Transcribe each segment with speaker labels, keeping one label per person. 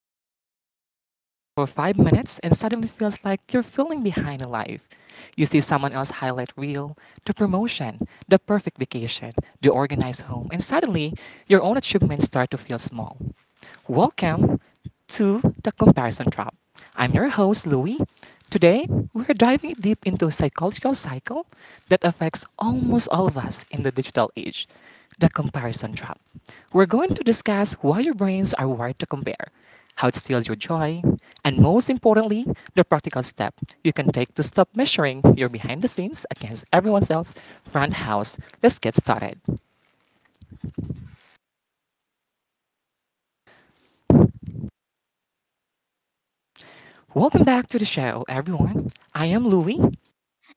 Speaker 1: open your phone, scroll for 5 minutes, and suddenly feels like you're feeling behind in life? You see someone else highlight reel, the promotion, the perfect vacation, the organized home, and suddenly your own achievements start to feel small. Welcome to the Comparison Trap. I'm your host, Louie. Today, we're diving deep into a psychological cycle that affects almost all of us in the digital age the comparison trap. We're going to discuss why your brains are wired to compare, how it steals your joy, and most importantly, the practical step you can take to stop measuring your behind the scenes against everyone else's front house. Let's get started. Welcome back to the show, everyone. I am Louie.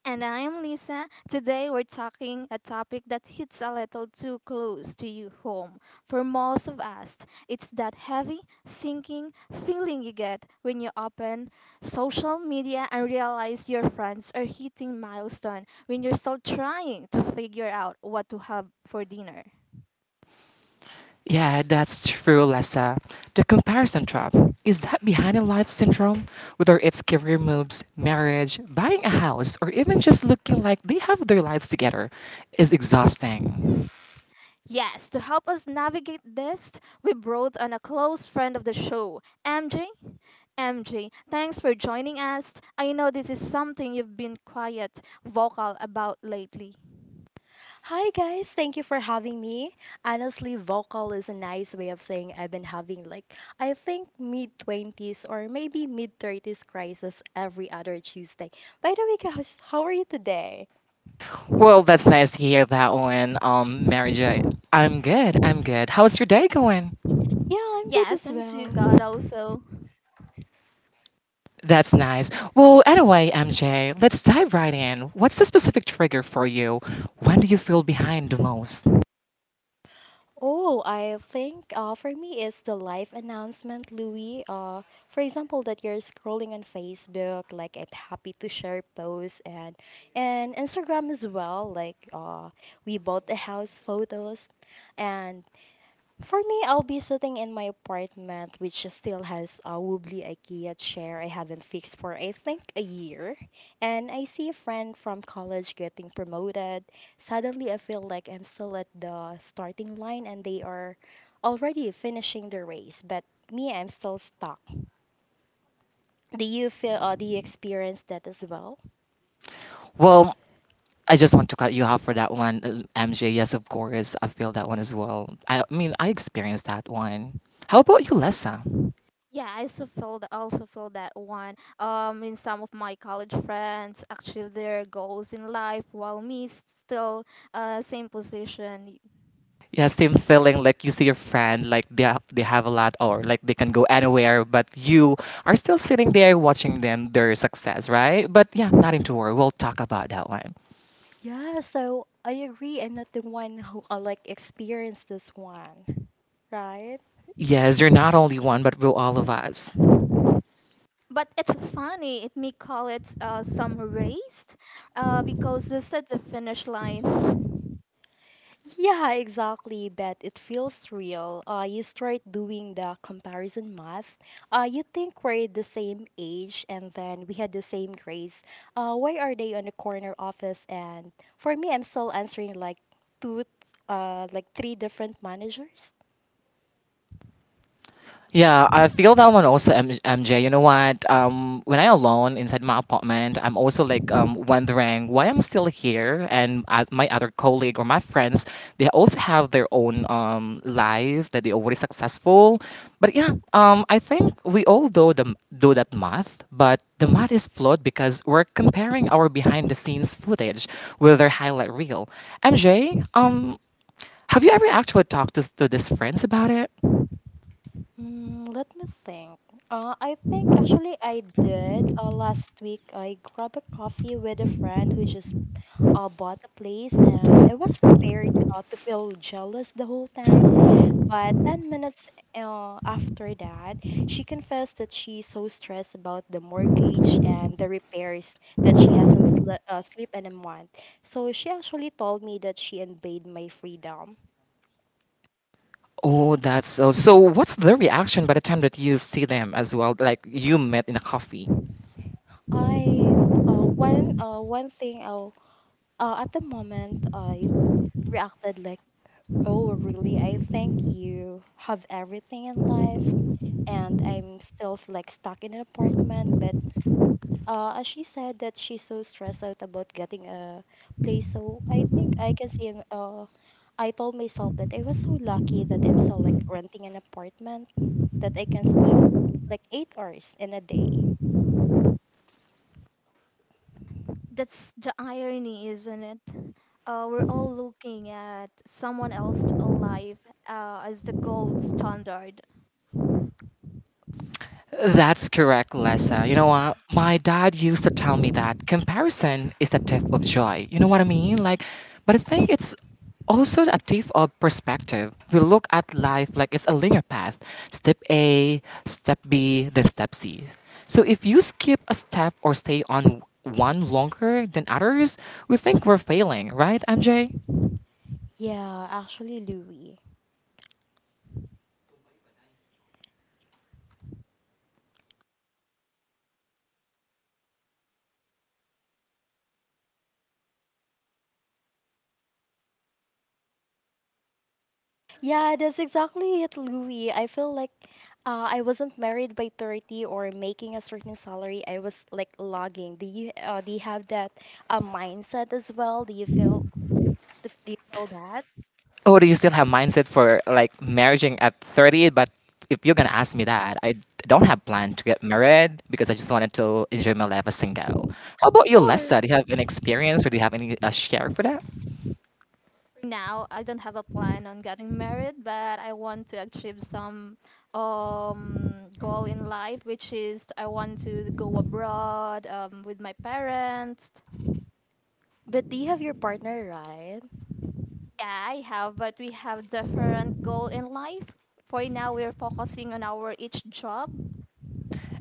Speaker 2: And I am Lisa. Today we're talking a topic that hits a little too close to you home. For most of us, it's that heavy, sinking feeling you get when you open social media and realize your friends are hitting milestone when you're still trying to figure out what to have for dinner.
Speaker 1: Yeah, that's true, Lessa. The comparison trap is that behind a life syndrome, whether it's career moves, marriage, buying a house, or even just looking like they have their lives together, is exhausting.
Speaker 2: Yes, to help us navigate this, we brought on a close friend of the show, MJ. MJ, thanks for joining us. I know this is something you've been quiet, vocal about lately.
Speaker 3: Hi guys, thank you for having me. Honestly, vocal is a nice way of saying I've been having like I think mid 20s or maybe mid 30s crisis every other Tuesday. By the way, guys, how are you today?
Speaker 1: Well, that's nice to hear that one, Mary J. I'm good, I'm good. How's your day going?
Speaker 3: Yeah, I'm good
Speaker 2: Yes,
Speaker 3: as
Speaker 2: I'm
Speaker 3: well.
Speaker 2: too God also.
Speaker 1: That's nice. Well, anyway, MJ, let's dive right in. What's the specific trigger for you? When do you feel behind the most?
Speaker 3: Oh, I think for me it's the live announcement, Louis. For example, that you're scrolling on Facebook, like I'm happy to share posts and Instagram as well. Like we bought the house photos, and for me, I'll be sitting in my apartment, which still has a wobbly IKEA chair I haven't fixed for I think a year. And I see a friend from college getting promoted. Suddenly, I feel like I'm still at the starting line and they are already finishing the race, but me, I'm still stuck. Do you experience that as well?
Speaker 1: Well, I just want to cut you off for that one, MJ. Yes, of course, I feel that one as well. I mean, I experienced that one. How about you, Lessa?
Speaker 2: Yeah, I also feel that one in some of my college friends achieve their goals in life, while me still same position.
Speaker 1: Yeah, same feeling. Like you see your friend, like they have a lot, or like they can go anywhere, but you are still sitting there watching them their success, right? But yeah, not into worry. We'll talk about that one.
Speaker 3: Yeah, so I agree. I'm not the one who like experienced this one, right?
Speaker 1: Yes, you're not only one, but we're all of us.
Speaker 2: But it's funny it may call it some raced, because this is the finish line.
Speaker 3: Yeah, exactly, but it feels real. You start doing the comparison math. You think we're the same age and then we had the same grades. Why are they on the corner office? And for me, I'm still answering like two, like three different managers.
Speaker 1: Yeah, I feel that one also, MJ. You know what? When I'm alone inside my apartment, I'm also like wondering why I'm still here, and my other colleague or my friends, they also have their own life that they already successful. But yeah, I think we all do that math, but the math is flawed because we're comparing our behind the scenes footage with their highlight reel. MJ, have you ever actually talked to these friends about it?
Speaker 3: Mm, let me think. I think actually I did. Last week I grabbed a coffee with a friend who just bought a place, and I was prepared to feel jealous the whole time. But 10 minutes after that, she confessed that she's so stressed about the mortgage and the repairs that she hasn't sleep in a month. So she actually told me that she invaded my freedom.
Speaker 1: Oh, that's so. So, what's their reaction by the time that you see them as well? Like you met in a coffee.
Speaker 3: I one one thing, at the moment I reacted like, "Oh, really? I think you have everything in life." And I'm still like stuck in an apartment, but as she said that she's so stressed out about getting a place, so I think I can see. I told myself that I was so lucky that I'm still like renting an apartment that I can sleep like 8 hours in a day.
Speaker 2: That's the irony, isn't it? We're all looking at someone else's life, as the gold standard.
Speaker 1: That's correct, Lessa. You know what? My dad used to tell me that comparison is a tip of joy. You know what I mean? Like, but I think it's also a tip of perspective. We look at life like it's a linear path step A, step B, then step C. So if you skip a step or stay on one longer than others, we think we're failing, right, MJ?
Speaker 3: Yeah, actually, Louis. Yeah, that's exactly it, Louis. I feel like I wasn't married by 30 or making a certain salary. I was like logging. Do you have that mindset as well? Do you feel that?
Speaker 1: Oh, do you still have mindset for like marrying at 30? But if you're gonna ask me that, I don't have plan to get married because I just wanted to enjoy my life as single. How about you,
Speaker 3: Or.
Speaker 1: Lessa? Do you have an experience or do you have any share for that?
Speaker 2: Now I don't have a plan on getting married, but I want to achieve some, goal in life, which is I want to go abroad, with my parents.
Speaker 3: But do you have your partner, right?
Speaker 2: Yeah, I have, but we have different goal in life. For now, we're focusing on our each job.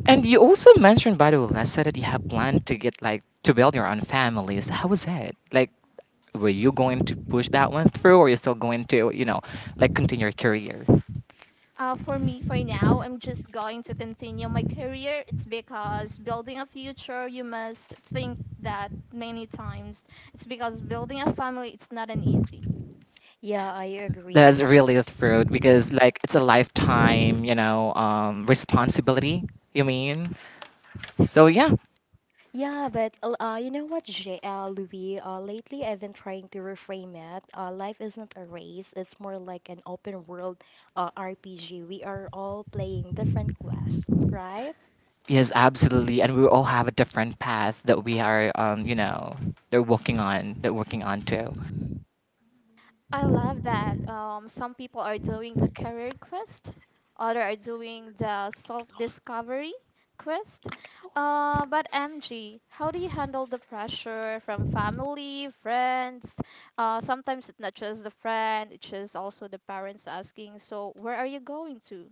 Speaker 1: And you also mentioned, by the way, Lessa, that you have plan to get like to build your own families. How was it? Like, were you going to push that one through, or are you still going to, you know, like continue your career?
Speaker 2: For me, for now, I'm just going to continue my career. It's because building a future, you must think that many times. It's because building a family, it's not an easy.
Speaker 3: Yeah, I agree.
Speaker 1: That's really through because like it's a lifetime, responsibility. You mean? So yeah,
Speaker 3: Yeah, but you know what, Louis? Lately, I've been trying to reframe it. Life isn't a race; it's more like an open world RPG. We are all playing different quests, right?
Speaker 1: yes, absolutely, and we all have a different path that we are, they're working on too.
Speaker 2: I love that. Some people are doing the career quest, other are doing the self-discovery quest.
Speaker 3: Ang tawa.
Speaker 2: But MG, how do you handle the pressure from family, friends? Sometimes it's not just the friend, it's just also the parents asking, so where are you going to?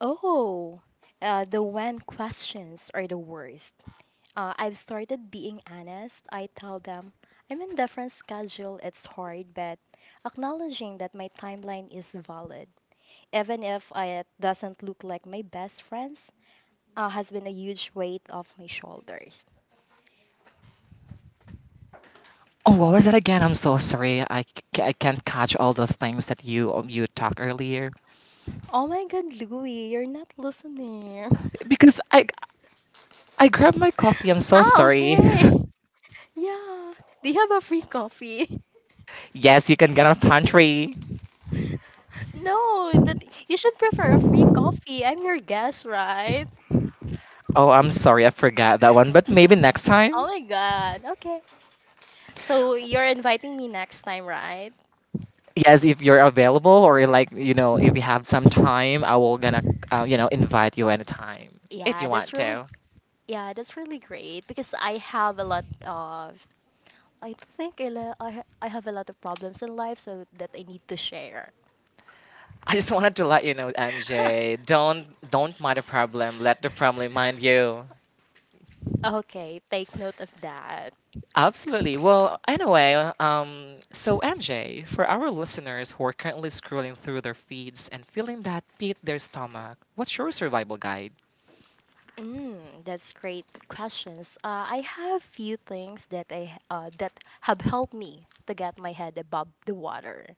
Speaker 3: Oh, the when questions are the worst. I've started being honest. I tell them I'm in different schedule. It's hard, but acknowledging that my timeline is valid, even if it doesn't look like my best friends, has been a huge weight off my shoulders.
Speaker 1: Oh, what was that again? I'm so sorry, I can't catch all the things that you talked earlier
Speaker 3: Oh my God, Louie, you're not listening.
Speaker 1: because I grabbed my coffee. I'm so
Speaker 3: Ah,
Speaker 1: sorry.
Speaker 3: okay. Yeah. Do you have a free coffee?
Speaker 1: Yes, you can get on pantry.
Speaker 3: No, that you should prefer a free coffee. I'm your guest, right?
Speaker 1: Oh, I'm sorry, I forgot that one, but maybe next
Speaker 3: Oh
Speaker 1: time.
Speaker 3: my god. Okay. So you're inviting me next time, right?
Speaker 1: Yes, if you're available or like you know, if you have some time, I will gonna invite you anytime if
Speaker 3: Yeah,
Speaker 1: you
Speaker 3: that's
Speaker 1: want
Speaker 3: really
Speaker 1: to.
Speaker 3: yeah, that's really great because I have a lot of I think I la- I ha- I have a lot of problems in life so that I need to share.
Speaker 1: I just wanted to let you know, MJ, don't don't mind the problem. Let the problem mind you.
Speaker 3: Okay, take note of that.
Speaker 1: Absolutely. Well, anyway, so MJ, for our listeners who are currently scrolling through their feeds and feeling that pit their stomach, what's your survival guide?
Speaker 3: That's great questions. I have few things that have helped me to get my head above the water.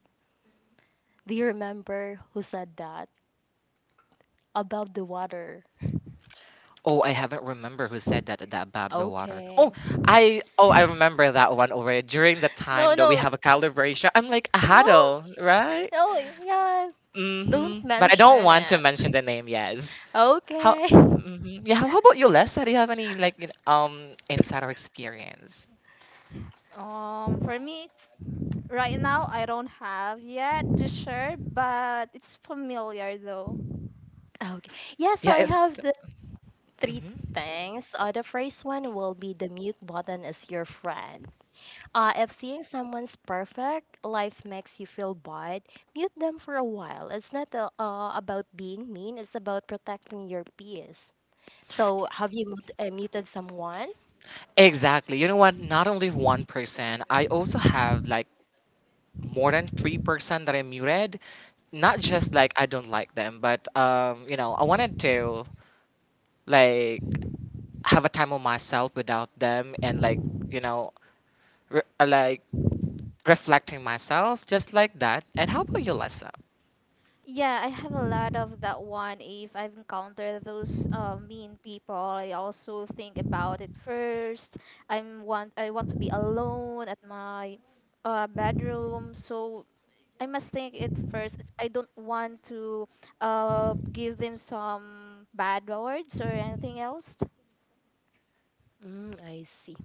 Speaker 3: Do you remember who said that? Above the water.
Speaker 1: Oh, I haven't remember who said that about the water. Oh,
Speaker 3: Okay.
Speaker 1: I remember that one already. During the
Speaker 3: No,
Speaker 1: time that we
Speaker 3: no,
Speaker 1: have a calibration, I'm like a
Speaker 3: no,
Speaker 1: huddle, right?
Speaker 3: no. Yeah, don't
Speaker 1: But I don't
Speaker 3: mention
Speaker 1: want to
Speaker 3: it.
Speaker 1: mention the name. Yes. How?
Speaker 3: Okay.
Speaker 1: Hmm. Yeah. How about you, Lessa? Do you have any like insider experience?
Speaker 2: For me, it's right now I don't have yet to share, but it's familiar though.
Speaker 3: Okay. Yeah, so
Speaker 1: Yeah.
Speaker 3: I
Speaker 1: If,
Speaker 3: have the three
Speaker 1: Mhm.
Speaker 3: things. The first one will be the mute button is your friend. If seeing someone's perfect life makes you feel bad, mute them for a while. It's not about being mean, it's about protecting your peace. So, have you muted someone?
Speaker 1: Exactly. You know what? Not only one person, I also have like more than three person that I muted. Not just like I don't like them, but I wanted to like have a time on myself without them and like you know, like reflecting myself just like that. And how about you, Lessa?
Speaker 2: Yeah, I have a lot of that one. If I've encountered those mean people, I also think about it first. I want to be alone at my bedroom, so I must think it first. I don't want to give them some bad words or anything else.
Speaker 3: I see.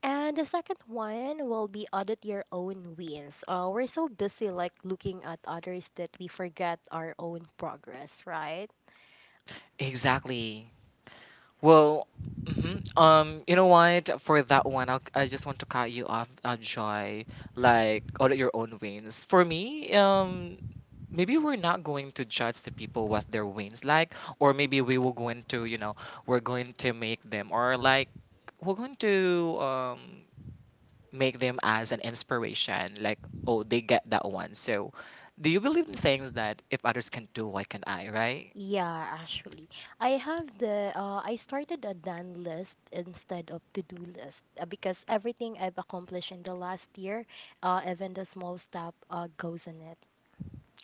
Speaker 3: And the second one will be audit your own wins. We're so busy like looking at others that we forget our own progress, right?
Speaker 1: Exactly. Well, you know what? For that one, I just want to cut you off, Joy. Like, audit your own wins. For me, maybe we're not going to judge the people what their wins like, or maybe we will going to, we're going to make them, or like, we're going to make them as an inspiration. Like, oh, they get that one. So, do you believe in sayings that if others can do, why can't I? Right?
Speaker 3: Yeah, actually, I have the I started a done list instead of to do list because everything I've accomplished in the last year, even the small step, goes in it.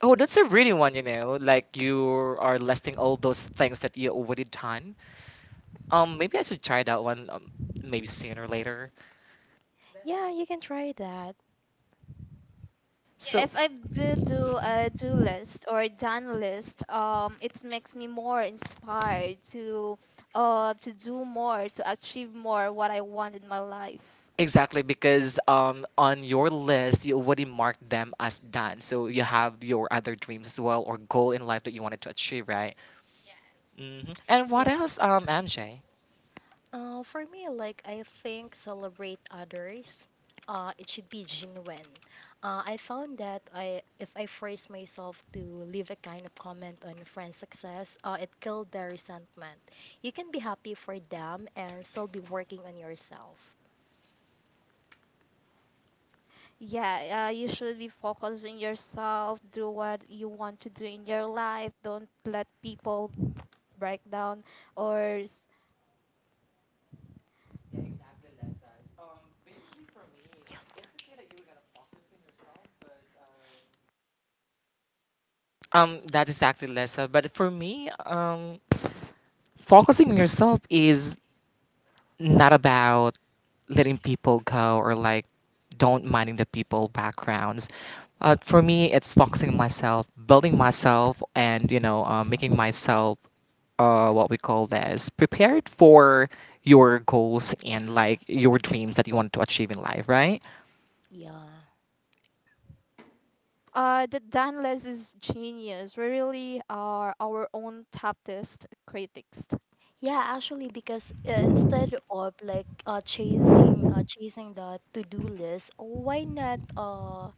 Speaker 1: Oh, that's a really one, Like you are listing all those things that you already done. Maybe I should try that one. Maybe sooner or later. Yeah,
Speaker 3: Yeah, you can try that.
Speaker 1: So, if
Speaker 2: If I do a do
Speaker 1: hmm
Speaker 2: list or done list, it makes me more inspired to do more, to achieve more what I want in my life.
Speaker 1: Exactly, because on your list you already marked them as done, so you have your other dreams as well or goal in life that you wanted to achieve, right? And what
Speaker 3: Yeah.
Speaker 1: else, MJ?
Speaker 3: For me, like I think celebrate others. It should be genuine. I found that if I force myself to leave a kind of comment on friends' success, it killed their resentment. You can be happy for them and still be working on yourself.
Speaker 2: Yeah, you should be focused on yourself, do what you want to do in your life. Don't let people break down or
Speaker 1: That is exactly Lisa. But for me, focusing on yourself is not about letting people go or like don't minding the people backgrounds for me it's focusing on myself building myself and making myself what we call this prepared for your goals and like your dreams that you want to achieve in life right?
Speaker 3: Yeah.
Speaker 2: the done list is genius. We really are our own toughest critics.
Speaker 3: Yeah, actually, because instead of like chasing the to-do list, why not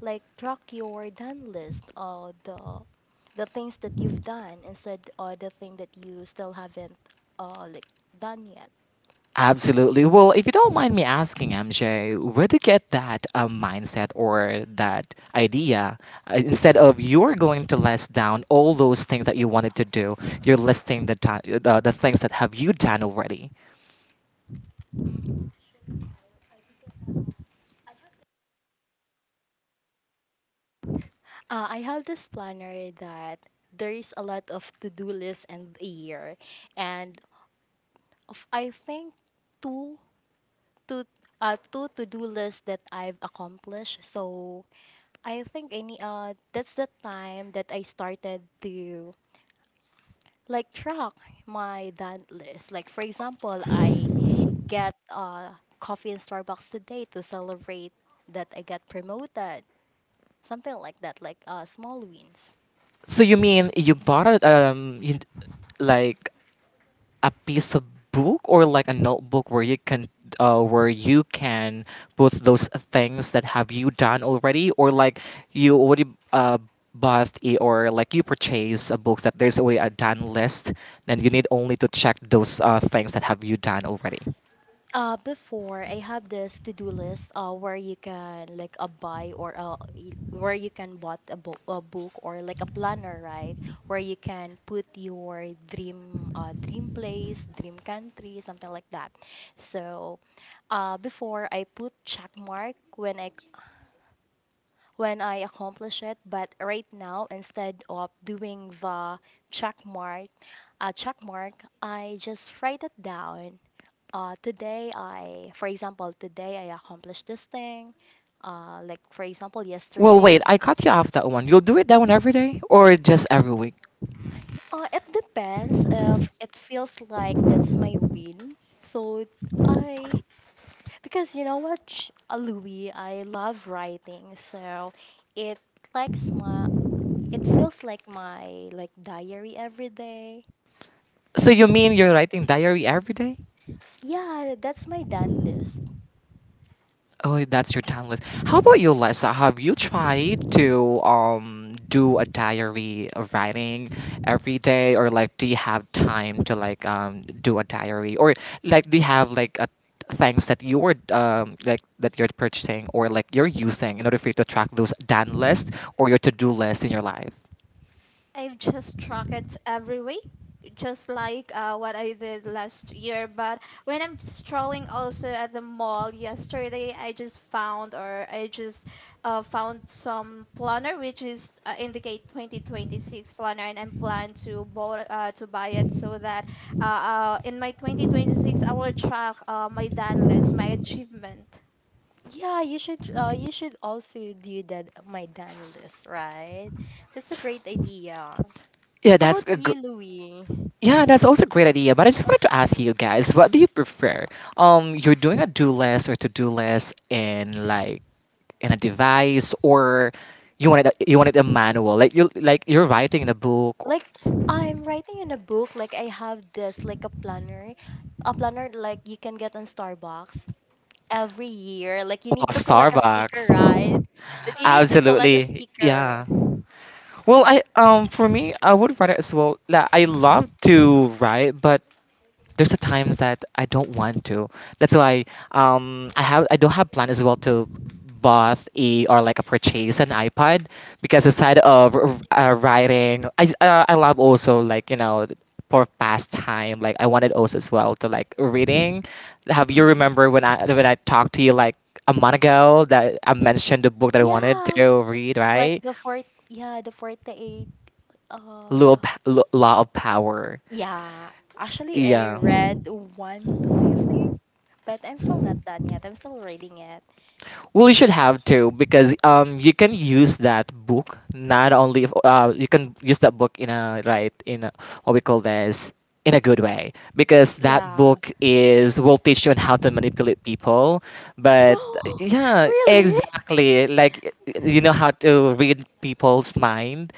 Speaker 3: like track your done list or the things that you've done instead or the thing that you still haven't like done yet.
Speaker 1: Absolutely. Well, if you don't mind me asking, MJ, where do you get that mindset or that idea? Instead of you're going to list down all those things that you wanted to do, you're listing the things that have you done already.
Speaker 3: I have this planner that there's a lot of to-do lists in a year and of, I think two to two to-do lists that I've accomplished so I think any that's the time that I started to like track my done list like for example I get coffee in Starbucks today to celebrate that I got promoted. Something like that, like small wins.
Speaker 1: So you mean you bought it? Like a piece of book or like a notebook where you can put those things that have you done already or like you already uh, bought it or like you purchase a book that there's already a done list then you need only to check those things that have you done already.
Speaker 3: Before I have this to-do list where you can like a buy or where you can bought a book or like a planner, right? Where you can put your dream place, dream country, something like that. So before I put check mark when I accomplish it. But right now, instead of doing the check mark, check mark, I just write it down. For example, today I accomplished this thing. Like for example,
Speaker 1: Well, wait,
Speaker 3: yesterday.
Speaker 1: I cut you off that one. You'll do it that one every day or just every week?
Speaker 3: It depends if it feels like that's my win. So I, because you know what, Louis, I love writing, so it likes my It feels like my like diary every day.
Speaker 1: So you mean you're writing diary every day?
Speaker 3: Yeah, that's my done list.
Speaker 1: Oh, that's your timeless. How about you, Lisa? Have you tried to do a diary of writing every day, or like do you have time to like do a diary, or like do you have like a things that you're like that you're purchasing or like you're using in order for you to track those done list or your to-do list in your life?
Speaker 2: I've just track it every week, just like what I did last year. But when I'm strolling also at the mall yesterday, I just found some planner which is indicate 2026 planner, and I'm plan to buy to buy it so that in my 2026 I will track my done list, my achievement.
Speaker 3: Yeah, you should also do that my done list, right? That's a great idea. How
Speaker 1: Yeah, that's
Speaker 3: about
Speaker 1: a gr-
Speaker 3: you, Louie?
Speaker 1: yeah, that's also a great idea. But I just wanted to ask you guys, what do you prefer? You're doing a do list or to do list in like in a device or you wanted a manual like you're writing in a book or
Speaker 3: Like I'm writing in a book, like I have this like a planner. A planner like you can get on Starbucks every year. Like you need to collect a sticker, right?
Speaker 1: Starbucks.
Speaker 3: That you need to collect a
Speaker 1: Absolutely,
Speaker 3: sticker.
Speaker 1: yeah. Well, I for me I would write as well like I love to write but there's a times that I don't want to. That's why I don't have plan as well to bought a or like a purchase an iPad because aside of writing, I love also like for pastime like I wanted also as well to like reading. Have you
Speaker 3: Mhm.
Speaker 1: remember when I talked to you like a month ago that I mentioned the book that I wanted
Speaker 3: Yeah,
Speaker 1: to read
Speaker 3: like
Speaker 1: right?
Speaker 3: the fort. Yeah, the 48. Uh,
Speaker 1: Law of Power.
Speaker 3: yeah. Actually, I
Speaker 1: Yeah.
Speaker 3: read one, two, I think, but I'm still not done yet. I'm still reading it.
Speaker 1: Well, you should have to because you can use that book not only you can use that book in a right in a, what we call this in a good way, because that
Speaker 3: Yeah.
Speaker 1: book is will teach you on how to manipulate people, but
Speaker 3: No,
Speaker 1: yeah,
Speaker 3: really?
Speaker 1: exactly, like you know how to read people's mind.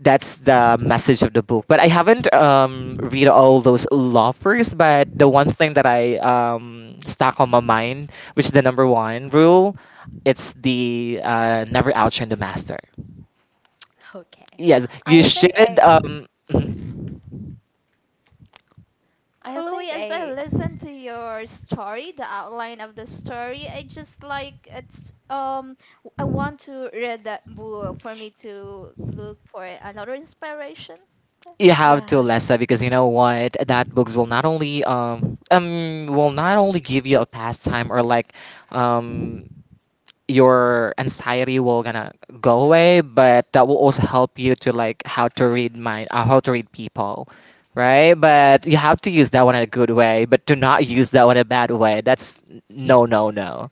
Speaker 1: That's the message of the book, but I haven't read all those law first, but the one thing that I stuck on my mind, which is the number one rule, it's the never outshine the master.
Speaker 3: Okay.
Speaker 1: Yes, you
Speaker 3: I think
Speaker 1: should.
Speaker 3: I.
Speaker 1: Mhm.
Speaker 3: I think
Speaker 2: Louis, as I
Speaker 3: I.
Speaker 2: listen to your story, the outline of the story, I just like it's I want to read that book for me to look for another inspiration.
Speaker 1: You have
Speaker 3: Yeah.
Speaker 1: to, Lessa, because you know what? That books will not only give you a pastime, or like um your anxiety will gonna go away, but that will also help you to like how to read mind, how to read people, right? But you have to use that one in a good way, but do not use that one in a bad way. That's no, no, no.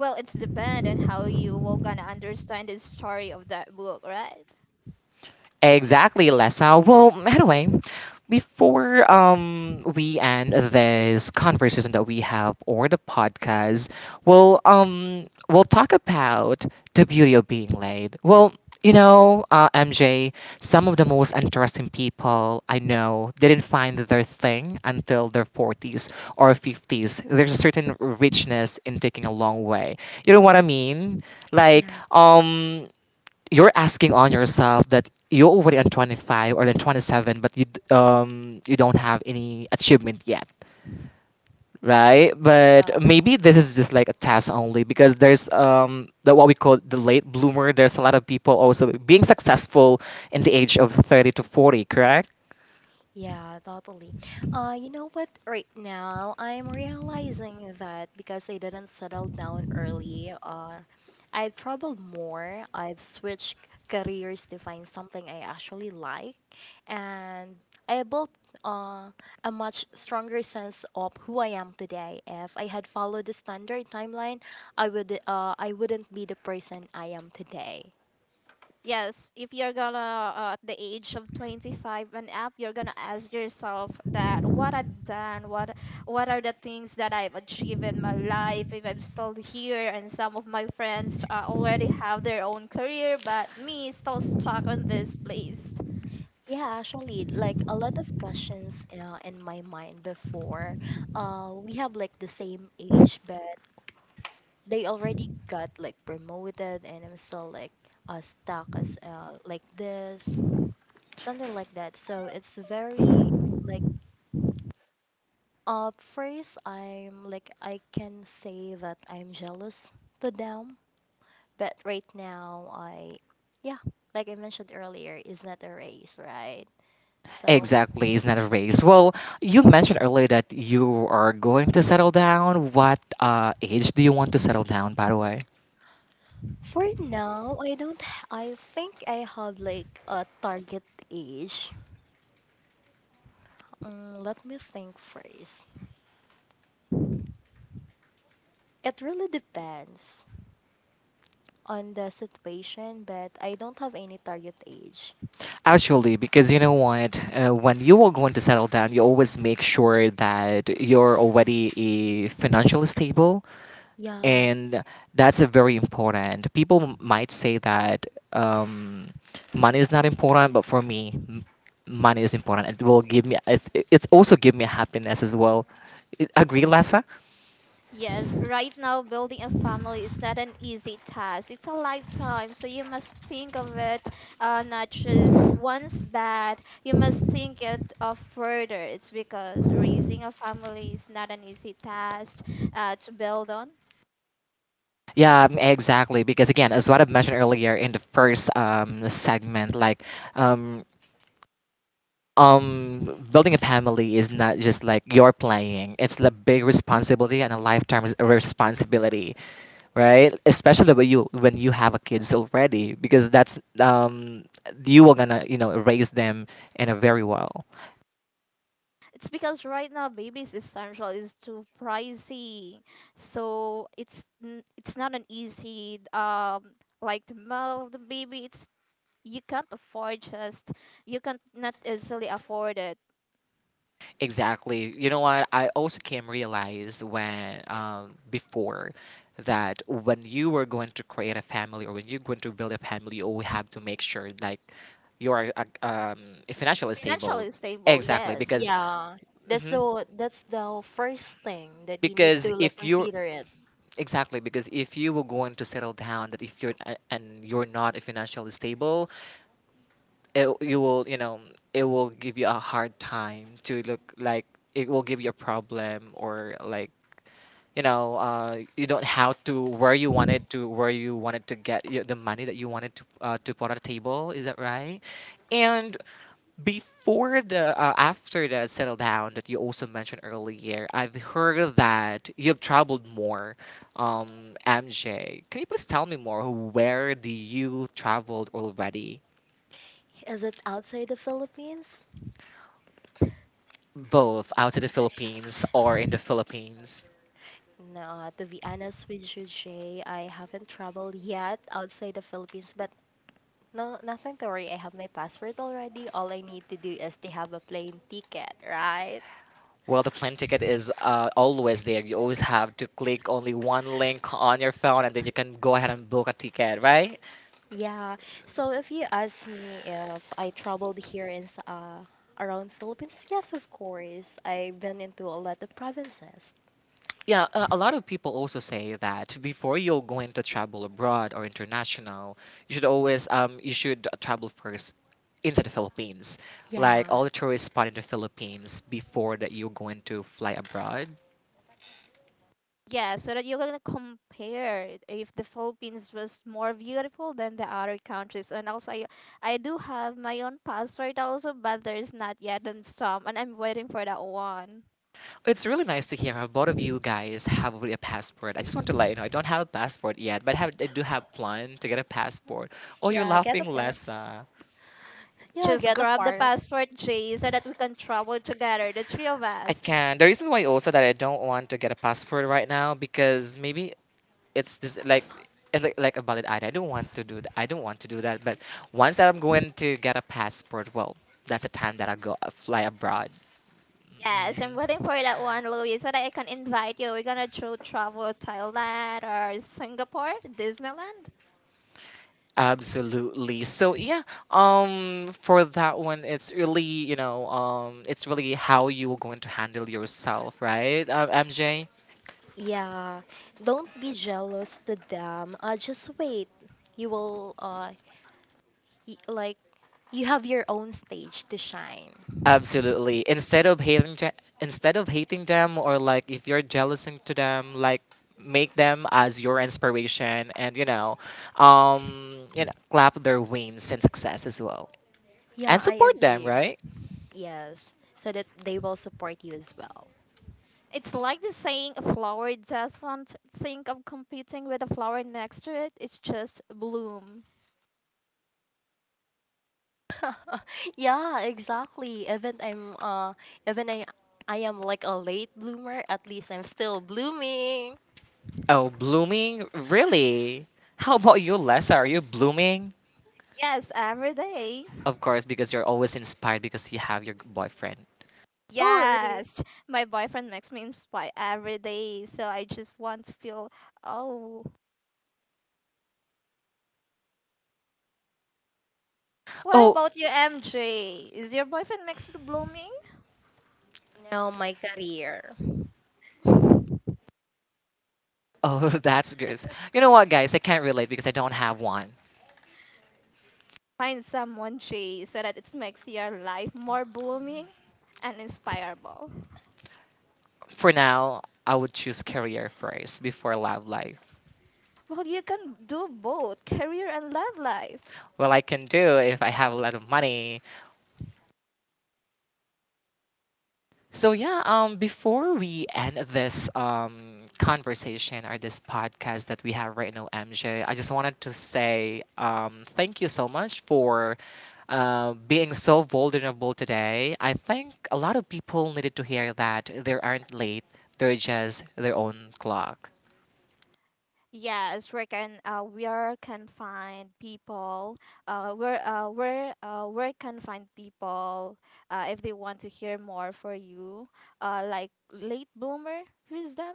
Speaker 2: Well, it's depend on how you will gonna understand the story of that book, right?
Speaker 1: Exactly, Lessa. Well, anyway, before we end this conversation that we have, or the podcast, we'll talk about the beauty of being late. Well, you know, MJ, some of the most interesting people I know didn't find their thing until their 40s or 50s. There's a certain richness in taking a long way. You know what I mean? Like,
Speaker 3: Yeah.
Speaker 1: you're asking on yourself that you're already on 25 or then 27, but you don't have any achievement yet, right? But maybe this is just like a test only, because there's the what we call the late bloomer. There's a lot of people also being successful in the age of 30 to 40, correct?
Speaker 3: Yeah, totally. You know what? Right now, I'm realizing that because I didn't settle down early, I've traveled more. I've switched careers to find something I actually like, and I built uh, a much stronger sense of who I am today. If I had followed the standard timeline, I wouldn't be the person I am today.
Speaker 2: Yes, if you're gonna at the age of 25 and up, you're gonna ask yourself that what what are the things that I've achieved in my life, if I'm still here, and some of my friends already have their own career, but me is still stuck on this place.
Speaker 3: Yeah, actually, like a lot of questions in my mind before. We have like the same age, but they already got like promoted, and I'm still like stuck as like this, something like that. So it's very like first I'm like I can say that I'm jealous to them, but right now yeah, like I mentioned earlier, is not a race, right? So.
Speaker 1: Exactly, it's not a race. Well, you mentioned earlier that you are going to settle down. What uh, age do you want to settle down, by the way?
Speaker 3: For now, I don't. I think I have like a target age. Let me think first. It really depends on the situation, but I don't have any target age.
Speaker 1: Actually, because you know what, when you are going to settle down, you always make sure that you're already financially stable,
Speaker 3: Yeah,
Speaker 1: and that's a very important. Might say that um, money is not important, but for me, money is important. It will give me. It also give me happiness as well. Agree, Lessa?
Speaker 2: Yes, right now building a family is not an easy task. It's a lifetime, so you must think of it, not just once bad. You must think it of further. It's because raising a family is not an easy task to build on.
Speaker 1: Yeah, exactly. Because again, as what I've mentioned earlier in the first segment, like. um, building a family is not just like you're playing, it's a big responsibility and a lifetime responsibility, right? Especially when you have a kids already, because that's um, you are gonna, you know, raise them in a very well.
Speaker 2: It's because right now babies essential is too pricey, so it's not an easy like the milk of the baby. It's you can't afford just you can not easily afford it.
Speaker 1: Exactly, you know what, I also came realize when before, that when you were going to create a family, or when you're going to build a family, you always have to make sure like you are financially stable.
Speaker 2: Financially stable,
Speaker 1: Exactly,
Speaker 2: yes.
Speaker 3: yeah. That's so. That's the first thing that you need
Speaker 1: because
Speaker 3: to like
Speaker 1: if you
Speaker 3: consider it.
Speaker 1: exactly, because if you were going to settle down, that if and you're not financially stable, it, you will, you know, it will give you a hard time to look like, it will give you a problem, or like, you know, you don't have to where you wanted to, get the money that you wanted to put on the table, is that right? Before the after the settle down that you also mentioned earlier, I've heard that you've traveled more. MJ, can you please tell me more? Where do you traveled already?
Speaker 3: Is it outside the Philippines?
Speaker 1: Both outside the Philippines or in the Philippines?
Speaker 3: No, to be honest with you, Jay, I haven't traveled yet outside the Philippines, but no, nothing to worry. I have my password already. All I need to do is to have a plane ticket, right?
Speaker 1: Well, the plane ticket is always there. You always have to click only one link on your phone, and then you can go ahead and book a ticket, right?
Speaker 3: Yeah. So if you ask me if I traveled here in around Philippines, yes, of course. I've been into a lot of provinces.
Speaker 1: Yeah, a lot of people also say that before you're going to travel abroad or international, you should always you should travel first into the Philippines, like
Speaker 3: Yeah.
Speaker 1: all the tourist spot in the Philippines before that you're going to fly abroad.
Speaker 2: Yeah, so that you're gonna compare if the Philippines was more beautiful than the other countries. And also, I do have my own passport also, but there's not yet on stamp, and I'm waiting for that one.
Speaker 1: It's really nice to hear how both of you guys have already a passport. I just want to let you know I don't have a passport yet, but I do have plan to get a passport. Oh, you're
Speaker 3: Yeah, get
Speaker 1: laughing,
Speaker 3: apart.
Speaker 1: Lessa.
Speaker 3: Yeah,
Speaker 2: Just
Speaker 3: get
Speaker 2: grab the
Speaker 3: apart.
Speaker 2: passport, Jay, so that we can travel together, the three of
Speaker 1: I
Speaker 2: us.
Speaker 1: can. The reason why also that I don't want to get a passport right now, because maybe it's this like it's like a valid item. I don't want to do that. But once that I'm going to get a passport, well, that's the time that I go fly abroad. Mhm.
Speaker 2: Yes, I'm waiting for that one, Louis, so that I can invite you. We're gonna travel Thailand or Singapore, Disneyland.
Speaker 1: Absolutely. So yeah, for that one, it's really, you know, it's really how you are going to handle yourself, right, MJ?
Speaker 3: Yeah, don't be jealous to them. Just wait. You will like you have your own stage to shine.
Speaker 1: Absolutely. Instead of hating them, or like if you're jealous to them, like make them as your inspiration, and you know, clap their wings and success as well.
Speaker 3: Yeah,
Speaker 1: And
Speaker 3: I
Speaker 1: support them,
Speaker 3: agree.
Speaker 1: right?
Speaker 3: Yes, so that they will support you as well.
Speaker 2: It's like the saying a flower doesn't think of competing with a flower next to it, it's just bloom.
Speaker 3: Yeah, exactly. Even I am like a late bloomer, at least I'm still blooming.
Speaker 1: Oh, blooming? Really? How about you, Lessa? Are you blooming?
Speaker 2: Yes, every day.
Speaker 1: Of course, because you're always inspired because you have your boyfriend.
Speaker 3: Oh, really?
Speaker 2: Yes, my boyfriend makes me inspire every day, so I just want to feel. Oh, what
Speaker 1: Oh.
Speaker 2: about you, MJ? Is your boyfriend makes you blooming?
Speaker 3: Now my career.
Speaker 1: Oh, that's good. You know what, guys? I can't relate because I don't have one.
Speaker 2: Find someone, Jay, so that it makes your life more blooming and inspirable.
Speaker 1: For now, I would choose career first before love life.
Speaker 2: Well, you can do both career and love life.
Speaker 1: Well, I can do if I have a lot of money. So yeah, before we end this um, conversation or this podcast that we have right now, MJ, I just wanted to say um, thank you so much for being so vulnerable today. I think a lot of people needed to hear that they aren't late; they're just their own clock.
Speaker 2: Yes, we can. Where can find people? Where can find people? If they want to hear more for you, like late bloomer wisdom.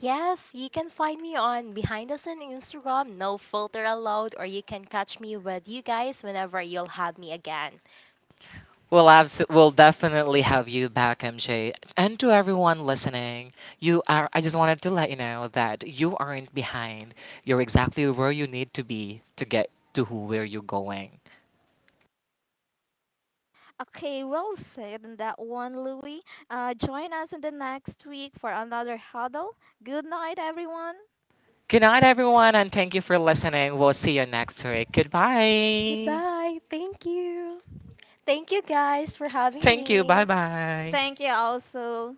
Speaker 3: Yes, you can find me on Behind Us on Instagram, no filter allowed, or you can catch me with you guys whenever you'll have me again.
Speaker 1: We'll, we'll definitely have you back, MJ. And to everyone listening, you are. I just wanted to let you know that you aren't behind. You're exactly where you need to be to get to who, where you're going.
Speaker 2: Okay, well said on that one, Louis. Join us in the next week for another huddle. Good night, everyone.
Speaker 1: Good night, everyone, and thank you for listening. We'll see you next week. Goodbye.
Speaker 3: Goodbye. Thank you. Thank you guys for having
Speaker 1: Thank you. Bye
Speaker 3: me.
Speaker 1: bye.
Speaker 2: Thank you also.